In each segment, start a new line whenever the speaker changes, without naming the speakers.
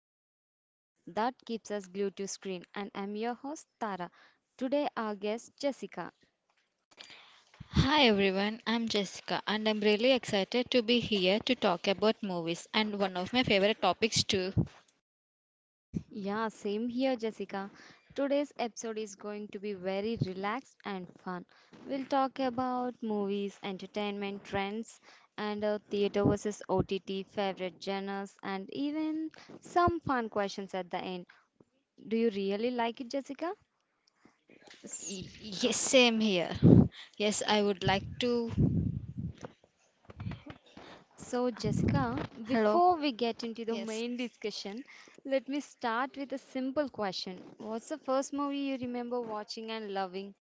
and everything that keeps us glued to screen. And I'm your host Tara. Today our guest Jessica.
Hi everyone, I'm Jessica and I'm really excited to be here to talk about movies and one of my favorite topics too.
Yeah, same here Jessica. Today's episode is going to be very relaxed and fun. We'll talk about movies, entertainment trends, and theater versus OTT, favorite genres, and even some fun questions at the end. Do you really like it, Jessica?
Yes, same here. Yes, I would like to.
So, Jessica,
Hello.
before we get into the
Yes.
main discussion, let me start with a simple question. What's the first movie you remember watching and loving?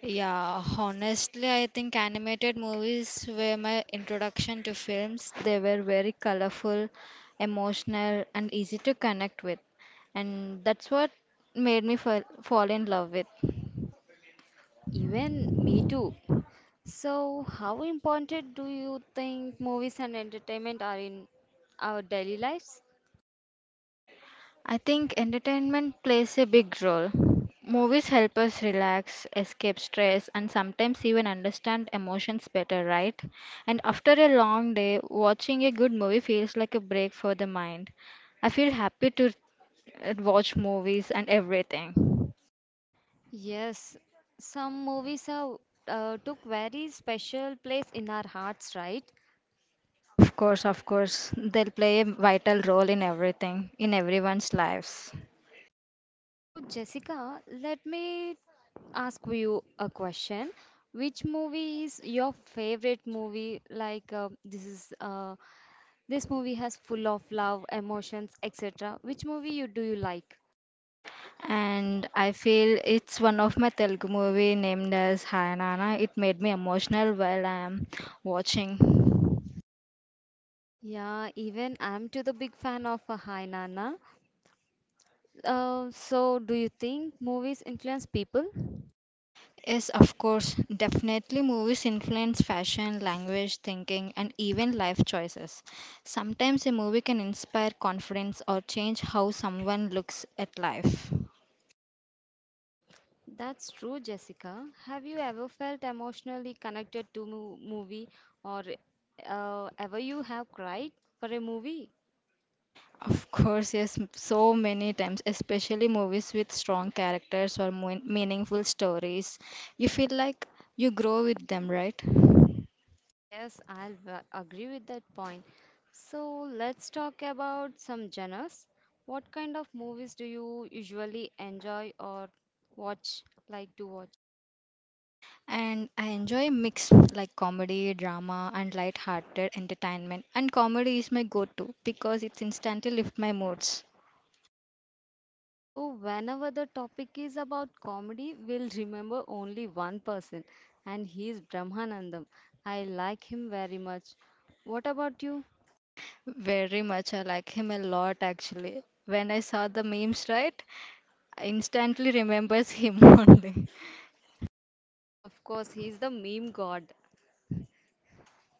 Yeah, honestly, I think animated movies were my introduction to films. They were very colorful, emotional, and easy to connect with. And that's what made me fall in love with.
Even me too. So, how important do you think movies and entertainment are in our daily lives?
I think entertainment plays a big role. Movies help us relax, escape stress, and sometimes even understand emotions better, right? And after a long day, watching a good movie feels like a break for the mind. I feel happy to watch movies and everything.
Yes, some movies have took very special place in our hearts, right?
Of course, they'll play a vital role in everything, in everyone's lives.
So, Jessica, let me ask you a question. Which movie is your favorite movie? Like this is this movie has full of love, emotions, etc. Which movie you do you like?
And I feel it's one of my Telugu movie named as Hi Nana. It made me emotional while I am watching.
Yeah, even I'm to the big fan of Hi Nana. So do you think movies influence people?
Yes, of course. Definitely, movies influence fashion, language, thinking, and even life choices. Sometimes a movie can inspire confidence or change how someone looks at life.
That's true, Jessica. Have you ever felt emotionally connected to mo movie or ever you have cried for a movie?
Of course, yes, so many times, especially movies with strong characters or meaningful stories. You feel like you grow with them, right?
Yes, I'll agree with that point. So let's talk about some genres. What kind of movies do you usually enjoy or watch, like to watch?
And I enjoy mix like comedy, drama, and light-hearted entertainment. And comedy is my go-to because it instantly lifts my moods.
So whenever the topic is about comedy, we'll remember only one person, and he is Brahmanandam. I like him very much. What about you?
Very much, I like him a lot actually. When I saw the memes, right, I instantly remembers him only.
Yes, of course, he is the meme god.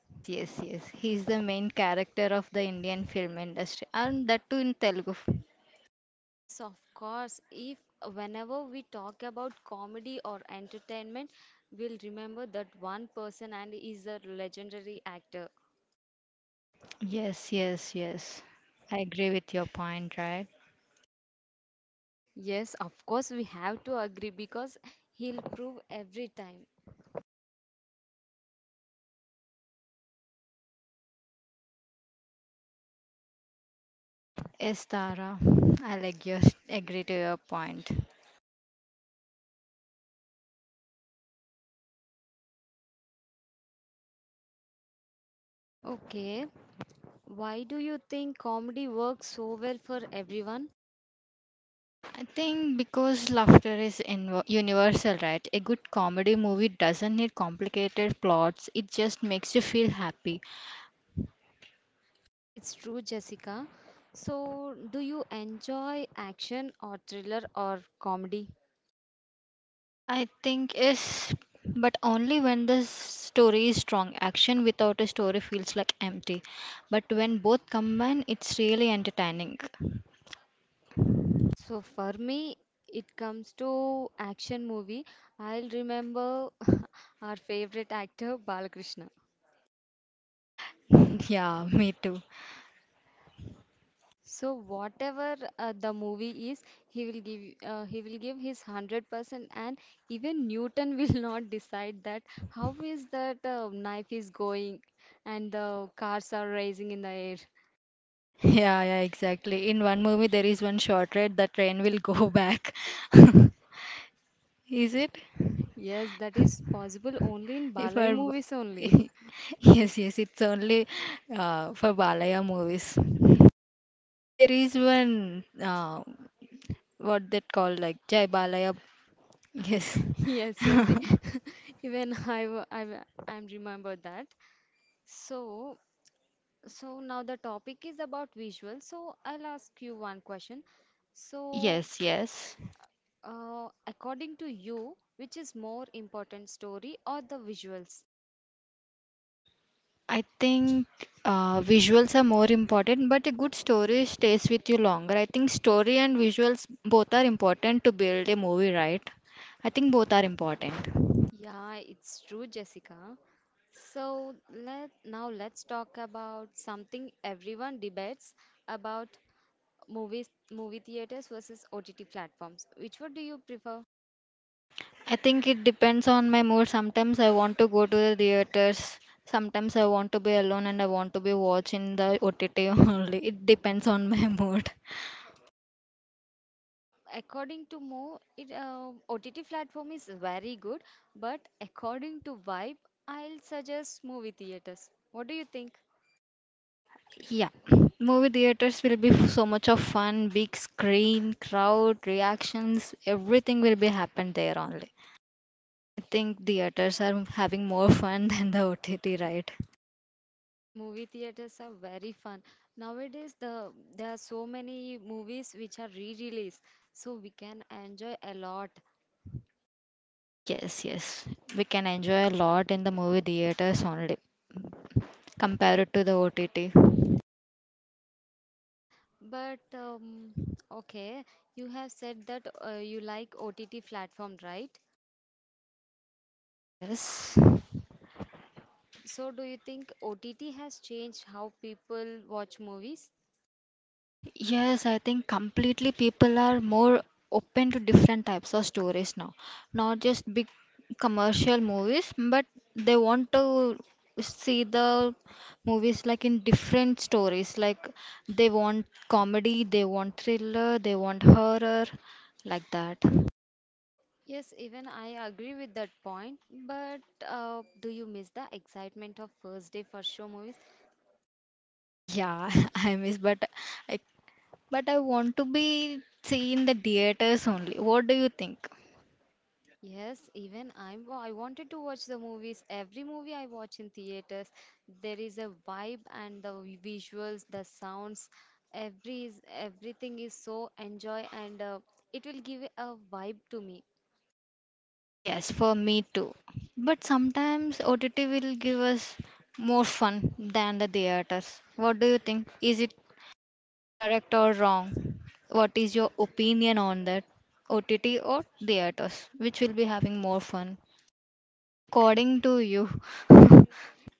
Yes, yes, yes. He's the main character of the Indian film industry, and that too in Telugu.
Yes, of course. If Whenever we talk about comedy or entertainment, we'll remember that one person and is a legendary actor.
Yes, yes, yes. I agree with your point, right?
Yes, of course, we have to agree because he'll prove every time.
Yes, Tara, I'll agree to your point.
Okay, why do you think comedy works so well for everyone?
I think because laughter is universal, right? A good comedy movie doesn't need complicated plots, it just makes you feel happy.
It's true, Jessica. So, do you enjoy action or thriller or comedy?
I think yes, but only when the story is strong. Action without a story feels like empty. But when both combine, it's really entertaining.
So for me, it comes to action movie. I'll remember our favorite actor Balakrishna.
Yeah, me too.
So whatever the movie is, he will give he will give his 100%, and even Newton will not decide that how is that knife is going and the cars are rising in the air.
Yeah, yeah, exactly. In one movie, there is one short ride, the train will go back. Is it?
Yes, that is possible only in
If
Balai
our
movies only.
yes, yes, it's only for Balaya movies. And there is one what that called like Jai Balaya. Yes,
Yes, yes, e- even I w- I'm remember that. So So now the topic is about visuals. So I'll ask you one question. So,
yes, yes.
According to you, which is more important, story or the visuals?
I think visuals are more important, but a good story stays with you longer. I think story and visuals both are important to build a movie, right? I think both are important.
Yeah, it's true, Jessica. So let now let's talk about something everyone debates about movie theaters versus OTT platforms. Which one do you prefer?
I think it depends on my mood. Sometimes I want to go to the theaters. Sometimes I want to be alone and I want to be watching the OTT only. It depends on my mood.
According to Mo, it OTT platform is very good, but according to vibe, I'll suggest movie theaters. What do you think?
Yeah. Movie theaters will be so much of fun, big screen, crowd, reactions, everything will be happen there only. I think theaters are having more fun than the OTT, right?
Movie theaters are very fun. Nowadays, there are so many movies which are re-released, so we can enjoy a lot.
Yes, yes. We can enjoy a lot in the movie theaters only compared to the OTT.
But Okay, you have said that you like OTT platform, right?
Yes.
So do you think OTT has changed how people watch movies?
Yes, I think completely people are more open to different types of stories now. Not just big commercial movies, but they want to see the movies like in different stories. Like they want comedy, they want thriller, they want horror, like that.
Yes, even I agree with that point. But do you miss the excitement of first day first show movies?
Yeah, I miss, I but I want to be seen in the theaters only. What do you think?
Yes, even I'm. I wanted to watch the movies. Every movie I watch in theaters, there is a vibe and the visuals, the sounds, everything is so enjoy and it will give a vibe to me.
Yes, for me too. But sometimes OTT will give us more fun than the theaters. What do you think? Is it correct or wrong? What is your opinion on that? OTT or theaters? Which will be having more fun? According to you.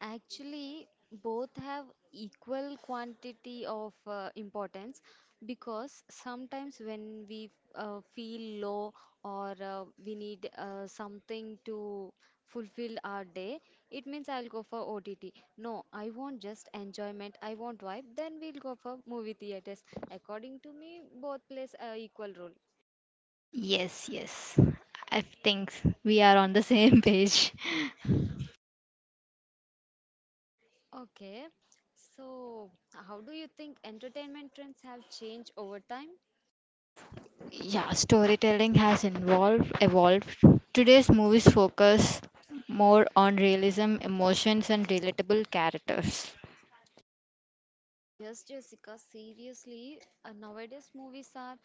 Actually, both have equal quantity of importance because sometimes when we feel low or we need something to fulfill our day, it means I'll go for OTT. No, I want just enjoyment, I want vibe, then we'll go for movie theaters. According to me, both plays a equal role.
Yes, yes. I think we are on the same page.
Okay, so how do you think entertainment trends have changed over time?
Yeah, storytelling has involved evolved. Today's movies focus more on realism, emotions, and relatable characters.
Yes, Jessica, seriously, nowadays movies are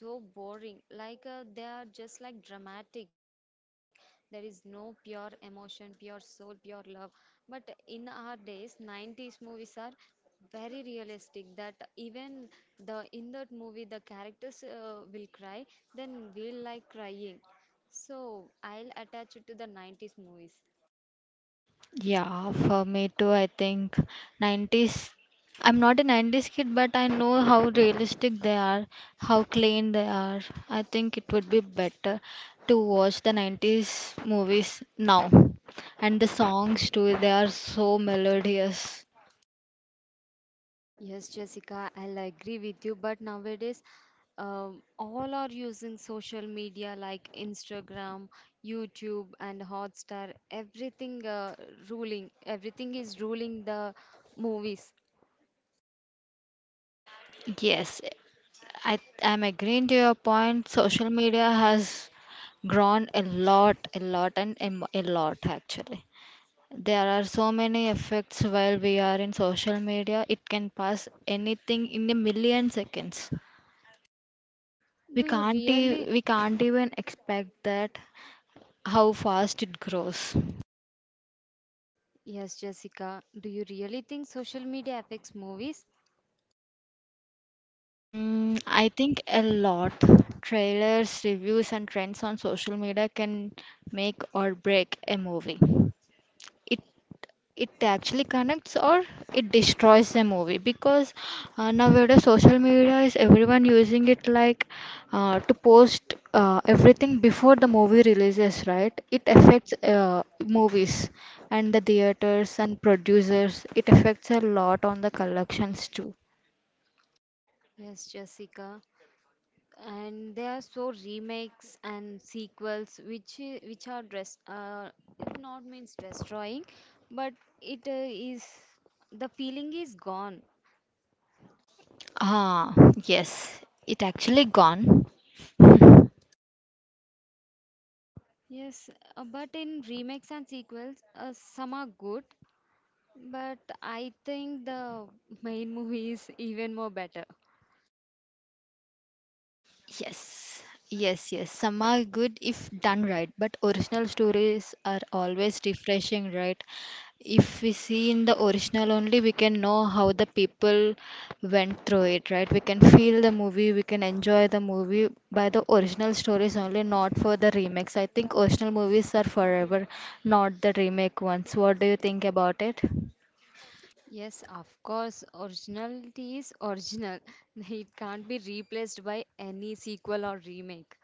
so boring. Like they are just like dramatic. There is no pure emotion, pure soul, pure love. But in our days, 90s movies are very realistic that even the in that movie the characters will cry, then we'll like crying. So I'll attach it to the 90s movies.
Yeah, for me too, I think 90s. I'm not a 90s kid, but I know how realistic they are, how clean they are. I think it would be better to watch the 90s movies now. And the songs too, they are so melodious.
Yes, Jessica, I'll agree with you. But nowadays, all are using social media like Instagram, YouTube, and Hotstar. Everything is ruling the movies.
Yes, I'm agreeing to your point. Social media has grown a lot, and a lot actually. There are so many effects while we are in social media. It can pass anything in a million seconds.
Do you really?
We can't even expect that how fast it grows.
Yes, Jessica. Do you really think social media affects movies?
Mm, I think a lot. Trailers, reviews, and trends on social media can make or break a movie. it it actually connects or it destroys a movie because nowadays social media is everyone using it like to post everything before the movie releases, right? It affects movies and the theaters and producers. It affects a lot on the collections too.
Yes, Jessica. And there are so remakes and sequels which are dress it not means destroying, but it is the feeling is gone.
Ah, yes, it actually gone.
Yes, but in remakes and sequels, some are good, but I think the main movie is even more better.
Yes, yes, yes. Some are good if done right, but original stories are always refreshing, right? If we see in the original only, we can know how the people went through it, right? We can feel the movie, we can enjoy the movie by the original stories only, not for the remakes. I think original movies are forever, not the remake ones. What do you think about it?
Yes, of course, originality is original. It can't be replaced by any sequel or remake.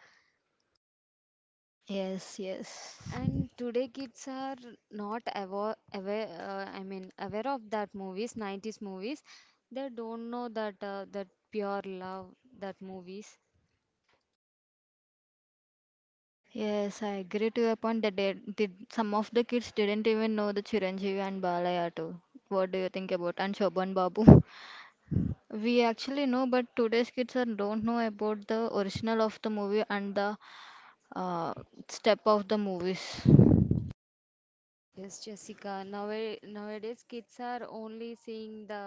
Yes, yes.
And today kids are not aware, aware I mean, aware of that movies, 90s movies. They don't know that that pure love, that movies.
Yes, I agree to your point that they did some of the kids didn't even know the Chiranjeevi and Balaya too. What do you think about and Shobhan Babu? We actually know, but today's kids are, don't know about the original of the movie and the uh, step of the movies.
Yes, Jessica. Nowadays kids are only seeing the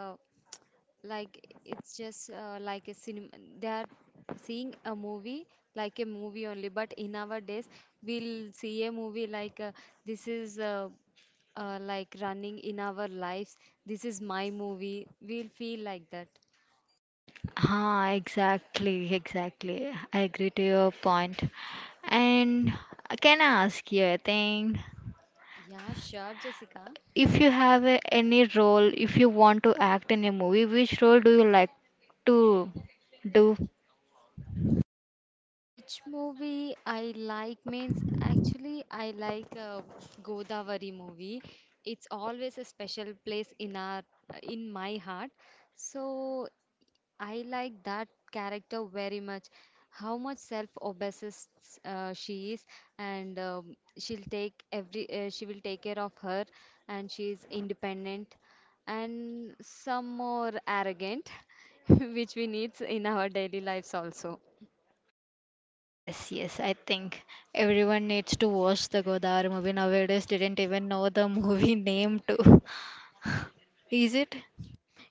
like it's just like a cinema. They are seeing a movie like a movie only. But in our days, we'll see a movie like this is like running in our lives. This is my movie. We'll feel like that.
Ah, exactly, exactly. I agree to your point. And can I ask you a thing?
Yeah, sure, Jessica.
If you have a, any role, if you want to act in a movie, which role do you like to do?
Which movie I like means actually I like Godavari movie. It's always a special place in my heart. So I like that character very much. How much self-obsessed she is, and she will take care of her, and she is independent and some more arrogant, which we need in our daily lives also.
Yes, yes, I think everyone needs to watch the Godar movie. Nowadays, didn't even know the movie name too. Is it?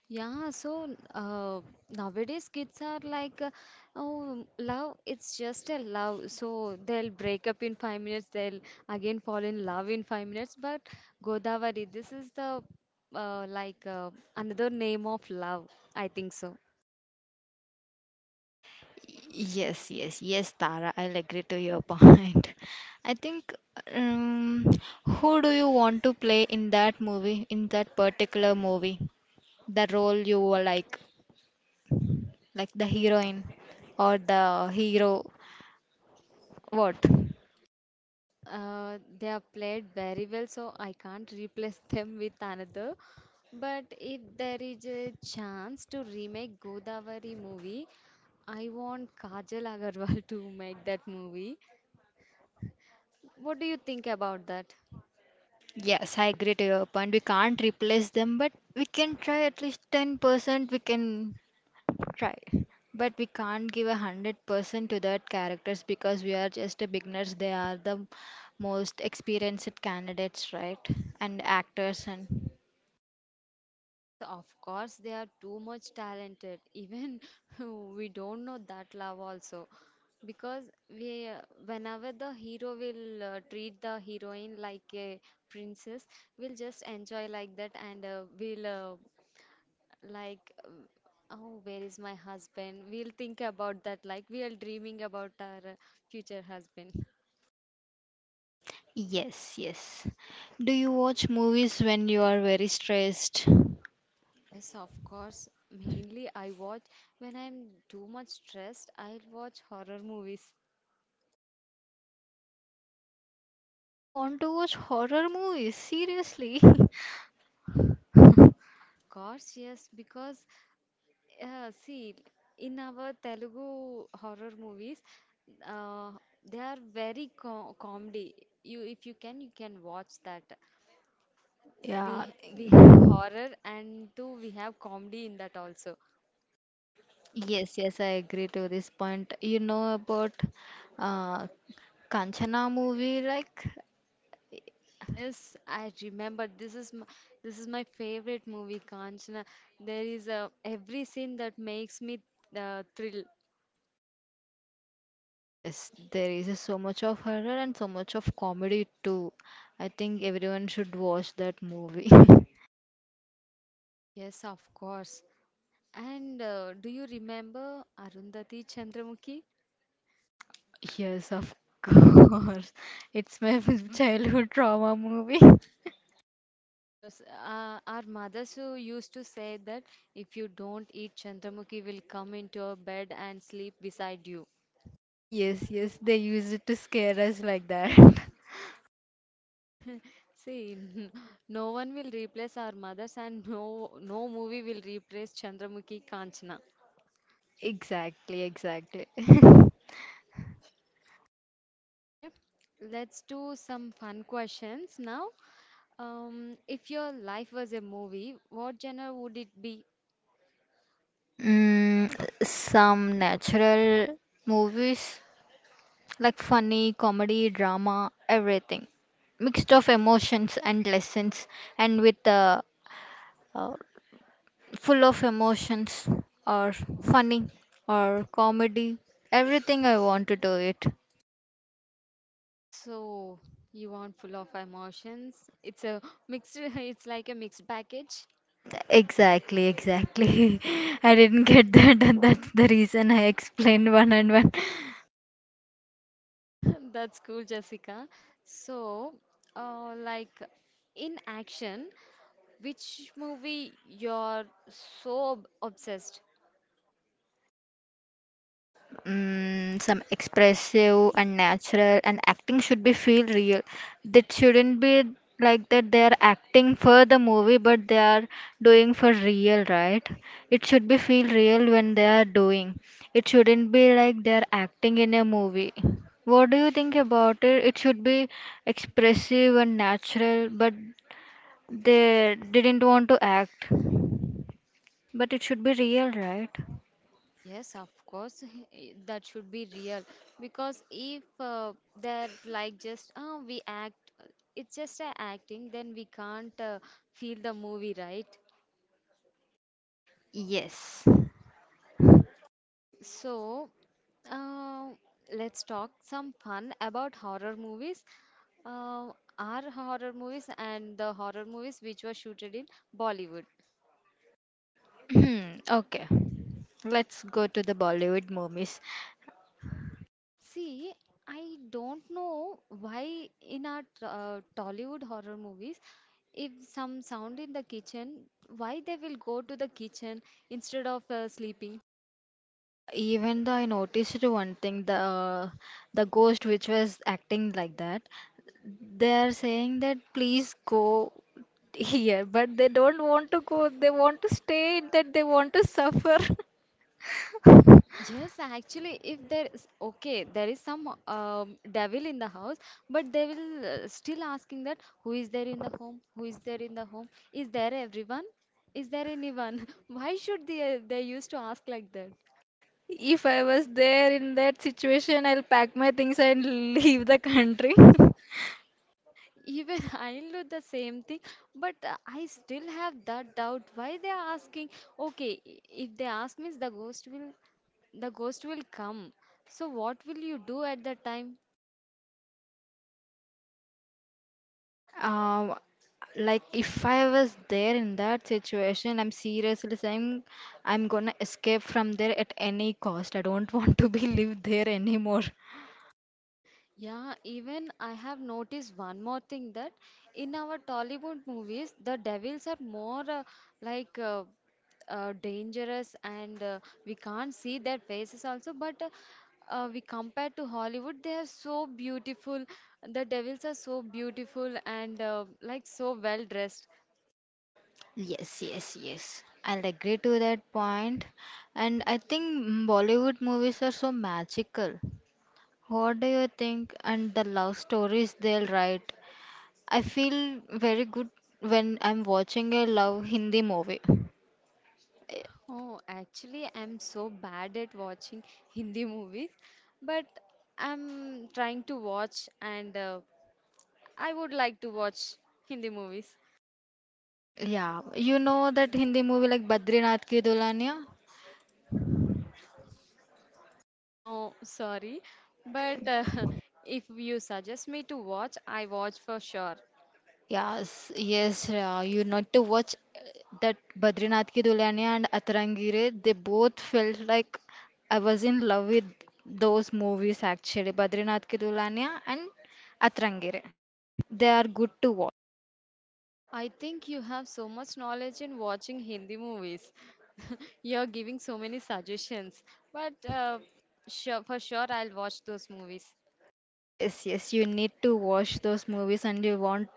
Yeah, so uh, nowadays kids are like, oh, love, it's just a love. So they'll break up in 5 minutes, they'll again fall in love in 5 minutes. But Godavari, this is the uh, like uh, another name of love, I think so.
Yes, yes, yes, Tara, I'll agree to your point. I think, um, who do you want to play in that movie, in that particular movie? The role you were like. Like the heroine or the hero what.
No, they have played very well, so I can't replace them with another. But if there is a chance to remake Godavari movie, I want Kajal Agarwal to make that movie. What do you think about that?
Yes, I agree to your point. We can't replace them, but we can try at least 10%. We can try, but we can't give a 100% to that characters because we are just a beginners. They are the most experienced candidates, right? And actors and
Yes, of course, they are too much talented. Even we don't know that love also. Because whenever the hero will treat the heroine like a princess, we'll just enjoy like that and like, uh, oh, where is my husband? We'll think about that like we are dreaming about our future husband.
yes, yes, do you watch movies when you are very stressed?
Yes, of course. Mainly, I watch when I'm too much stressed, I'll watch horror movies.
You want to watch horror movies seriously?
Of course, yes, because see, in our Telugu horror movies, uh, they are very co comedy. You, if you can, you can watch that.
Yeah.
We have horror and too we have comedy in that also.
Yes, yes, I agree to this point. You know about uh, Kanchana movie, like,
Yes, I remember. This is my favorite movie, Kanchana. There is a every scene that makes me thrill.
yes, there is so much of horror and so much of comedy too. I think everyone should watch that movie.
Yes, of course. And do you remember Arundhati Chandramukhi?
Yes, of course. It's my childhood trauma movie.
Because our mothers who used to say that if you don't eat Chandramukhi will come into your bed and sleep beside you.
Yes, yes, they use it to scare us like that.
See, no one will replace our mothers and no no movie will replace Chandramukhi Kanchana.
Exactly, exactly.
Okay, let's do some fun questions now. If your life was a movie, what genre would it be?
Mm, some natural movies like funny, comedy, drama, everything. Mixed of emotions and lessons, and with the uh, full of emotions or funny or comedy, everything I want to do it.
So, you want full of emotions? It's a mixed, it's like a mixed package.
Exactly, exactly. I didn't get that, and that's the reason I explained one and one.
That's cool, Jessica. So, like in action, which movie you're so obsessed?
ex- mm, some expressive and natural, and acting should be feel real. That shouldn't be like that they are acting for the movie, but they are doing for real, right? It should be feel real when they are doing. It shouldn't be like they are acting in a movie. What do you think about it? It should be expressive and natural, but they didn't want to act. But it should be real, right?
Yes, of course, that should be real because if they're like just oh we act, uh, it's just a acting, then we can't feel the movie, right?
Yes.
So, uh, let's talk some fun about horror movies. Are horror movies and the horror movies which were shooted in Bollywood.
Hmm, okay. Let's go to the Bollywood movies.
See, I don't know why in our Tollywood horror movies, if some sound in the kitchen, why they will go to the kitchen instead of sleeping?
Yeah, even though I noticed one thing, the ghost which was acting like that, they are saying that please go here, but they don't want to go. They want to stay. That they want to suffer.
Yes, actually, if there is okay, there is some devil in the house, but they will still asking that who is there in the home? Who is there in the home? Is there everyone? Is there anyone? Why should they used to ask like that?
If I was there in that situation, I'll pack my things and leave the country.
Even I do the same thing, but I still have that doubt. Why they are asking? Okay, i- if they ask means the ghost will come. So what will you do at that time?
Um, like if I was there in that situation, I'm seriously saying I'm gonna escape from there at any cost. I don't want to be live there anymore.
Yeah, even I have noticed one more thing that in our Tollywood movies, the devils are more like uh, dangerous and we can't see their faces also. But We compare to Hollywood, they are so beautiful. The devils are so beautiful and like so well dressed.
Yes, yes, yes. I'll agree to that point. And I think mm, Bollywood movies are so magical. What do you think? And the love stories they'll write. I feel very good when I'm watching a love Hindi movie.
Oh, actually, I'm so bad at watching Hindi movies, but I'm trying to watch and I would like to watch Hindi movies.
Yeah, you know that Hindi movie like Badrinath Ki Dulhania?
No, sorry, but if you suggest me to watch, I watch for sure.
Yes, yes, Shreya, you not to watch that Badrinath Ki Dulhania and Atarangire. They both felt like I was in love with those movies actually, Badrinath Ki Dulhania and Atarangire. They are good to watch.
I think you have so much knowledge in watching Hindi movies. You're giving so many suggestions, but sure, for sure I'll watch those movies.
Yes, yes, you need to watch those movies and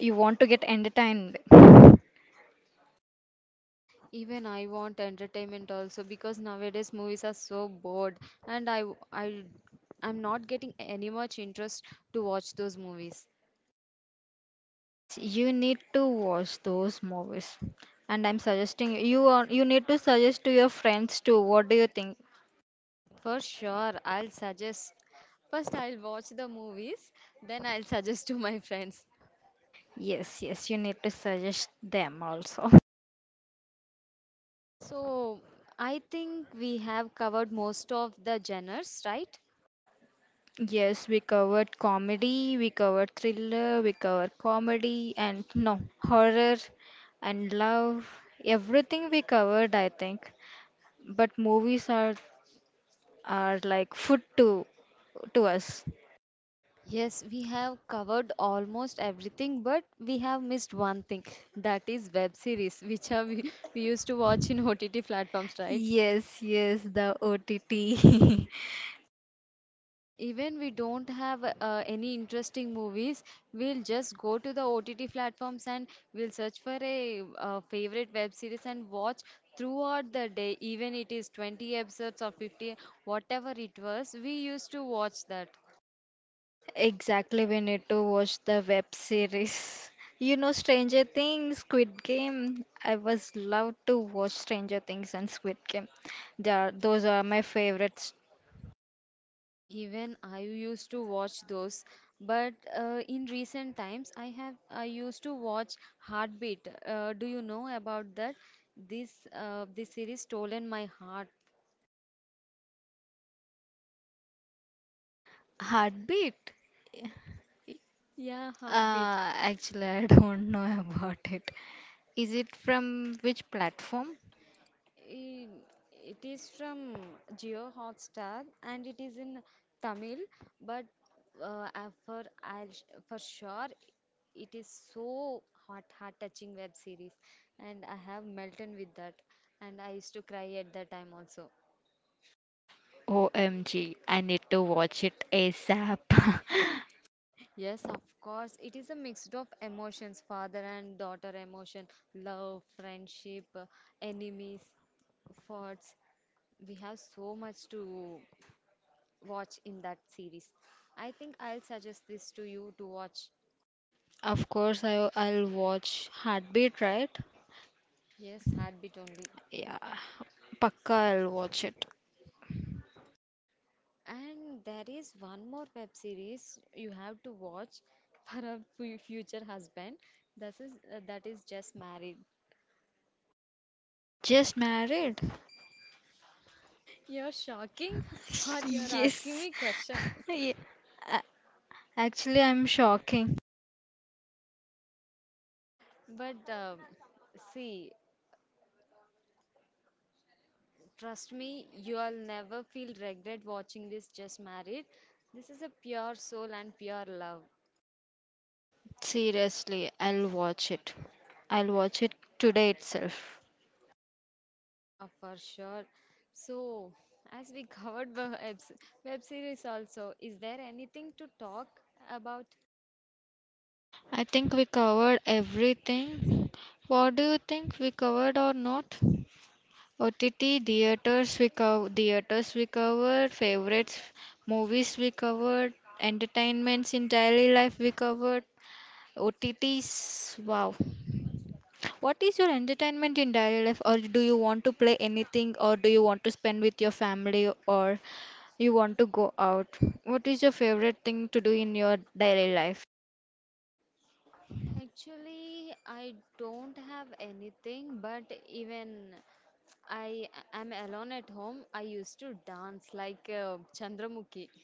you want to get entertained.
Even I want entertainment also because nowadays movies are so bored, and I I'm not getting any much interest to watch those movies.
Yes, you need to watch those movies. And I'm suggesting you need to suggest to your friends too. What do you think?
For sure, I'll suggest. First, I'll watch the movies, then, I'll suggest to my friends.
Yes, yes, you need to suggest them also.
So, I think we have covered most of the genres, right?
Yes, we covered comedy, we covered thriller, we covered comedy and no, horror and love. Everything we covered, I think. But movies are like food to us.
Yes, we have covered almost everything, but we have missed one thing, that is web series, which are we used to watch in OTT platforms, right?
Yes, yes, the OTT.
Even we don't have any interesting movies, we'll just go to the OTT platforms and we'll search for a favorite web series and watch throughout the day, even it is 20 episodes or 50, whatever it was, we used to watch that.
Exactly, we need to watch the web series. You know, Stranger Things, Squid Game. I was love to watch Stranger Things and Squid Game. They are, those are my favorites.
Even I used to watch those, but in recent times I used to watch Heartbeat. Do you know about that? This series stolen my heart.
Heartbeat?
Yeah, Heartbeat.
Uh, actually, I don't know about it. Is it from which platform?
I- It is from Geo Hotstar, and it is in Tamil, but for for sure it is so hot, heart-touching web series, and I have melted with that, and I used to cry at that time also.
OMG, I need to watch it ASAP.
Yes, of course, it is a mix of emotions, father and daughter emotion, love, friendship, enemies, thoughts. We have so much to watch in that series. I think I'll suggest this to you to watch.
Of course, I'll watch Heartbeat, right?
Yes, Heartbeat only.
Yeah, Pakka, I'll watch it.
And there is one more web series you have to watch for a future husband. This is that is just married.
Just married?
You're shocking, or you're asking
Yes.
me question?
Yeah. A- Actually, I'm shocking.
But see, trust me, you'll never feel regret watching this just married. This is a pure soul and pure love.
Seriously, I'll watch it. I'll watch it today itself.
Yeah, for sure. So, as we covered the web series also, is there anything to talk about?
I think we covered everything. What do you think we covered or not? OTT, theaters we covered, favorites, movies we covered, entertainments in daily life we covered, OTTs. Wow. What is your entertainment in daily life, or do you want to play anything, or do you want to spend with your family, or you want to go out? What is your favorite thing to do in your daily life?
Actually, I don't have anything, but even I am alone at home, I used to dance like Chandramukhi.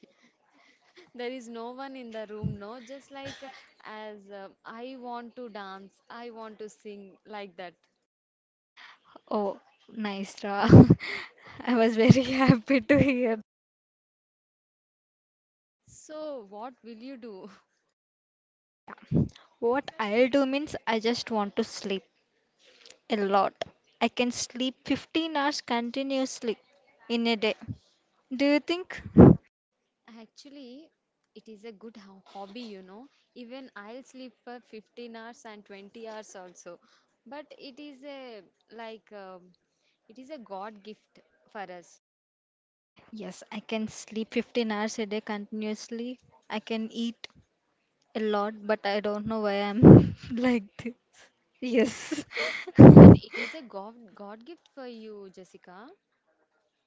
There is no one in the room, no, just like as I want to dance, I want to sing like that.
Oh, nice, Ra. I was very happy to hear.
So, what will you do?
Yeah. What I'll do means I just want to sleep a lot. I can sleep 15 hours continuously in a day. Do you think?
Actually, it is a good hobby, you know. Even I'll sleep for 15 hours and 20 hours also. But it is a like um, it is a God gift for us.
Yes, I can sleep 15 hours a day continuously. I can eat a lot, but I don't know why I'm like this. Yes.
Even it is a God gift for you, Jessica,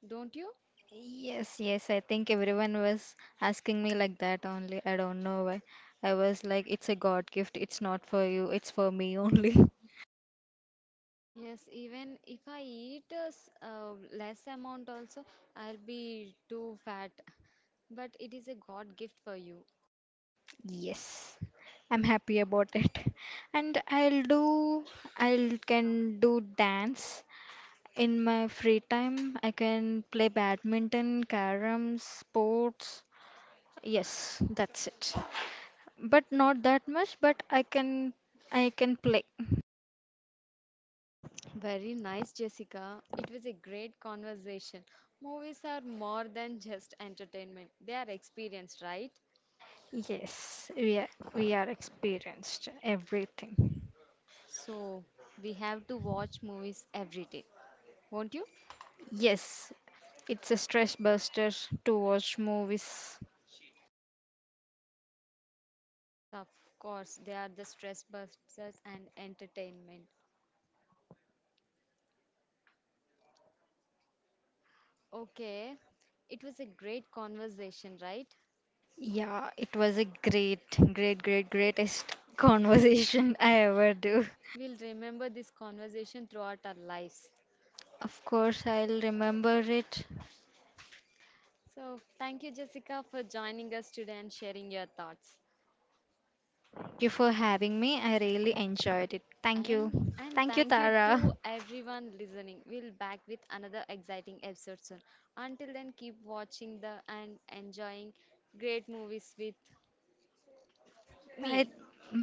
don't you?
Yes, yes, I think everyone was asking me like that only. I don't know why. I was like, it's a God gift, it's not for you, it's for me only.
Yes, even if I eat a less amount also, I'll be too fat. But it is a God gift for you.
Yes, I'm happy about it. And I'll do, I can do dance. In my free time, I can play badminton, carom, sports. Yes, that's it. But not that much, but I can play
Very nice, Jessica. It was a great conversation. Movies are more than just entertainment, they are experience, right?
yes. We are experienced everything.
So, we have to watch movies every day, won't you?
Yes, it's a stress buster to watch movies.
Yes, of course. They are the stress busters and entertainment. Okay, it was a great conversation, right?
Yeah, it was a greatest conversation I ever do.
We'll remember this conversation throughout our lives.
Of course, I'll remember it.
So, thank you, Jessica, for joining us today and sharing your thoughts.
Thank you for having me, I really enjoyed it. Thank you.
And
Thank you,
thank you
Tara.
to everyone listening. We'll back with another exciting episode soon. Until then, keep watching the and enjoying great movies with me,
Bye.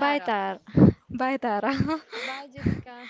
Bye, Tara. Bye, Tara.
Bye, Jessica.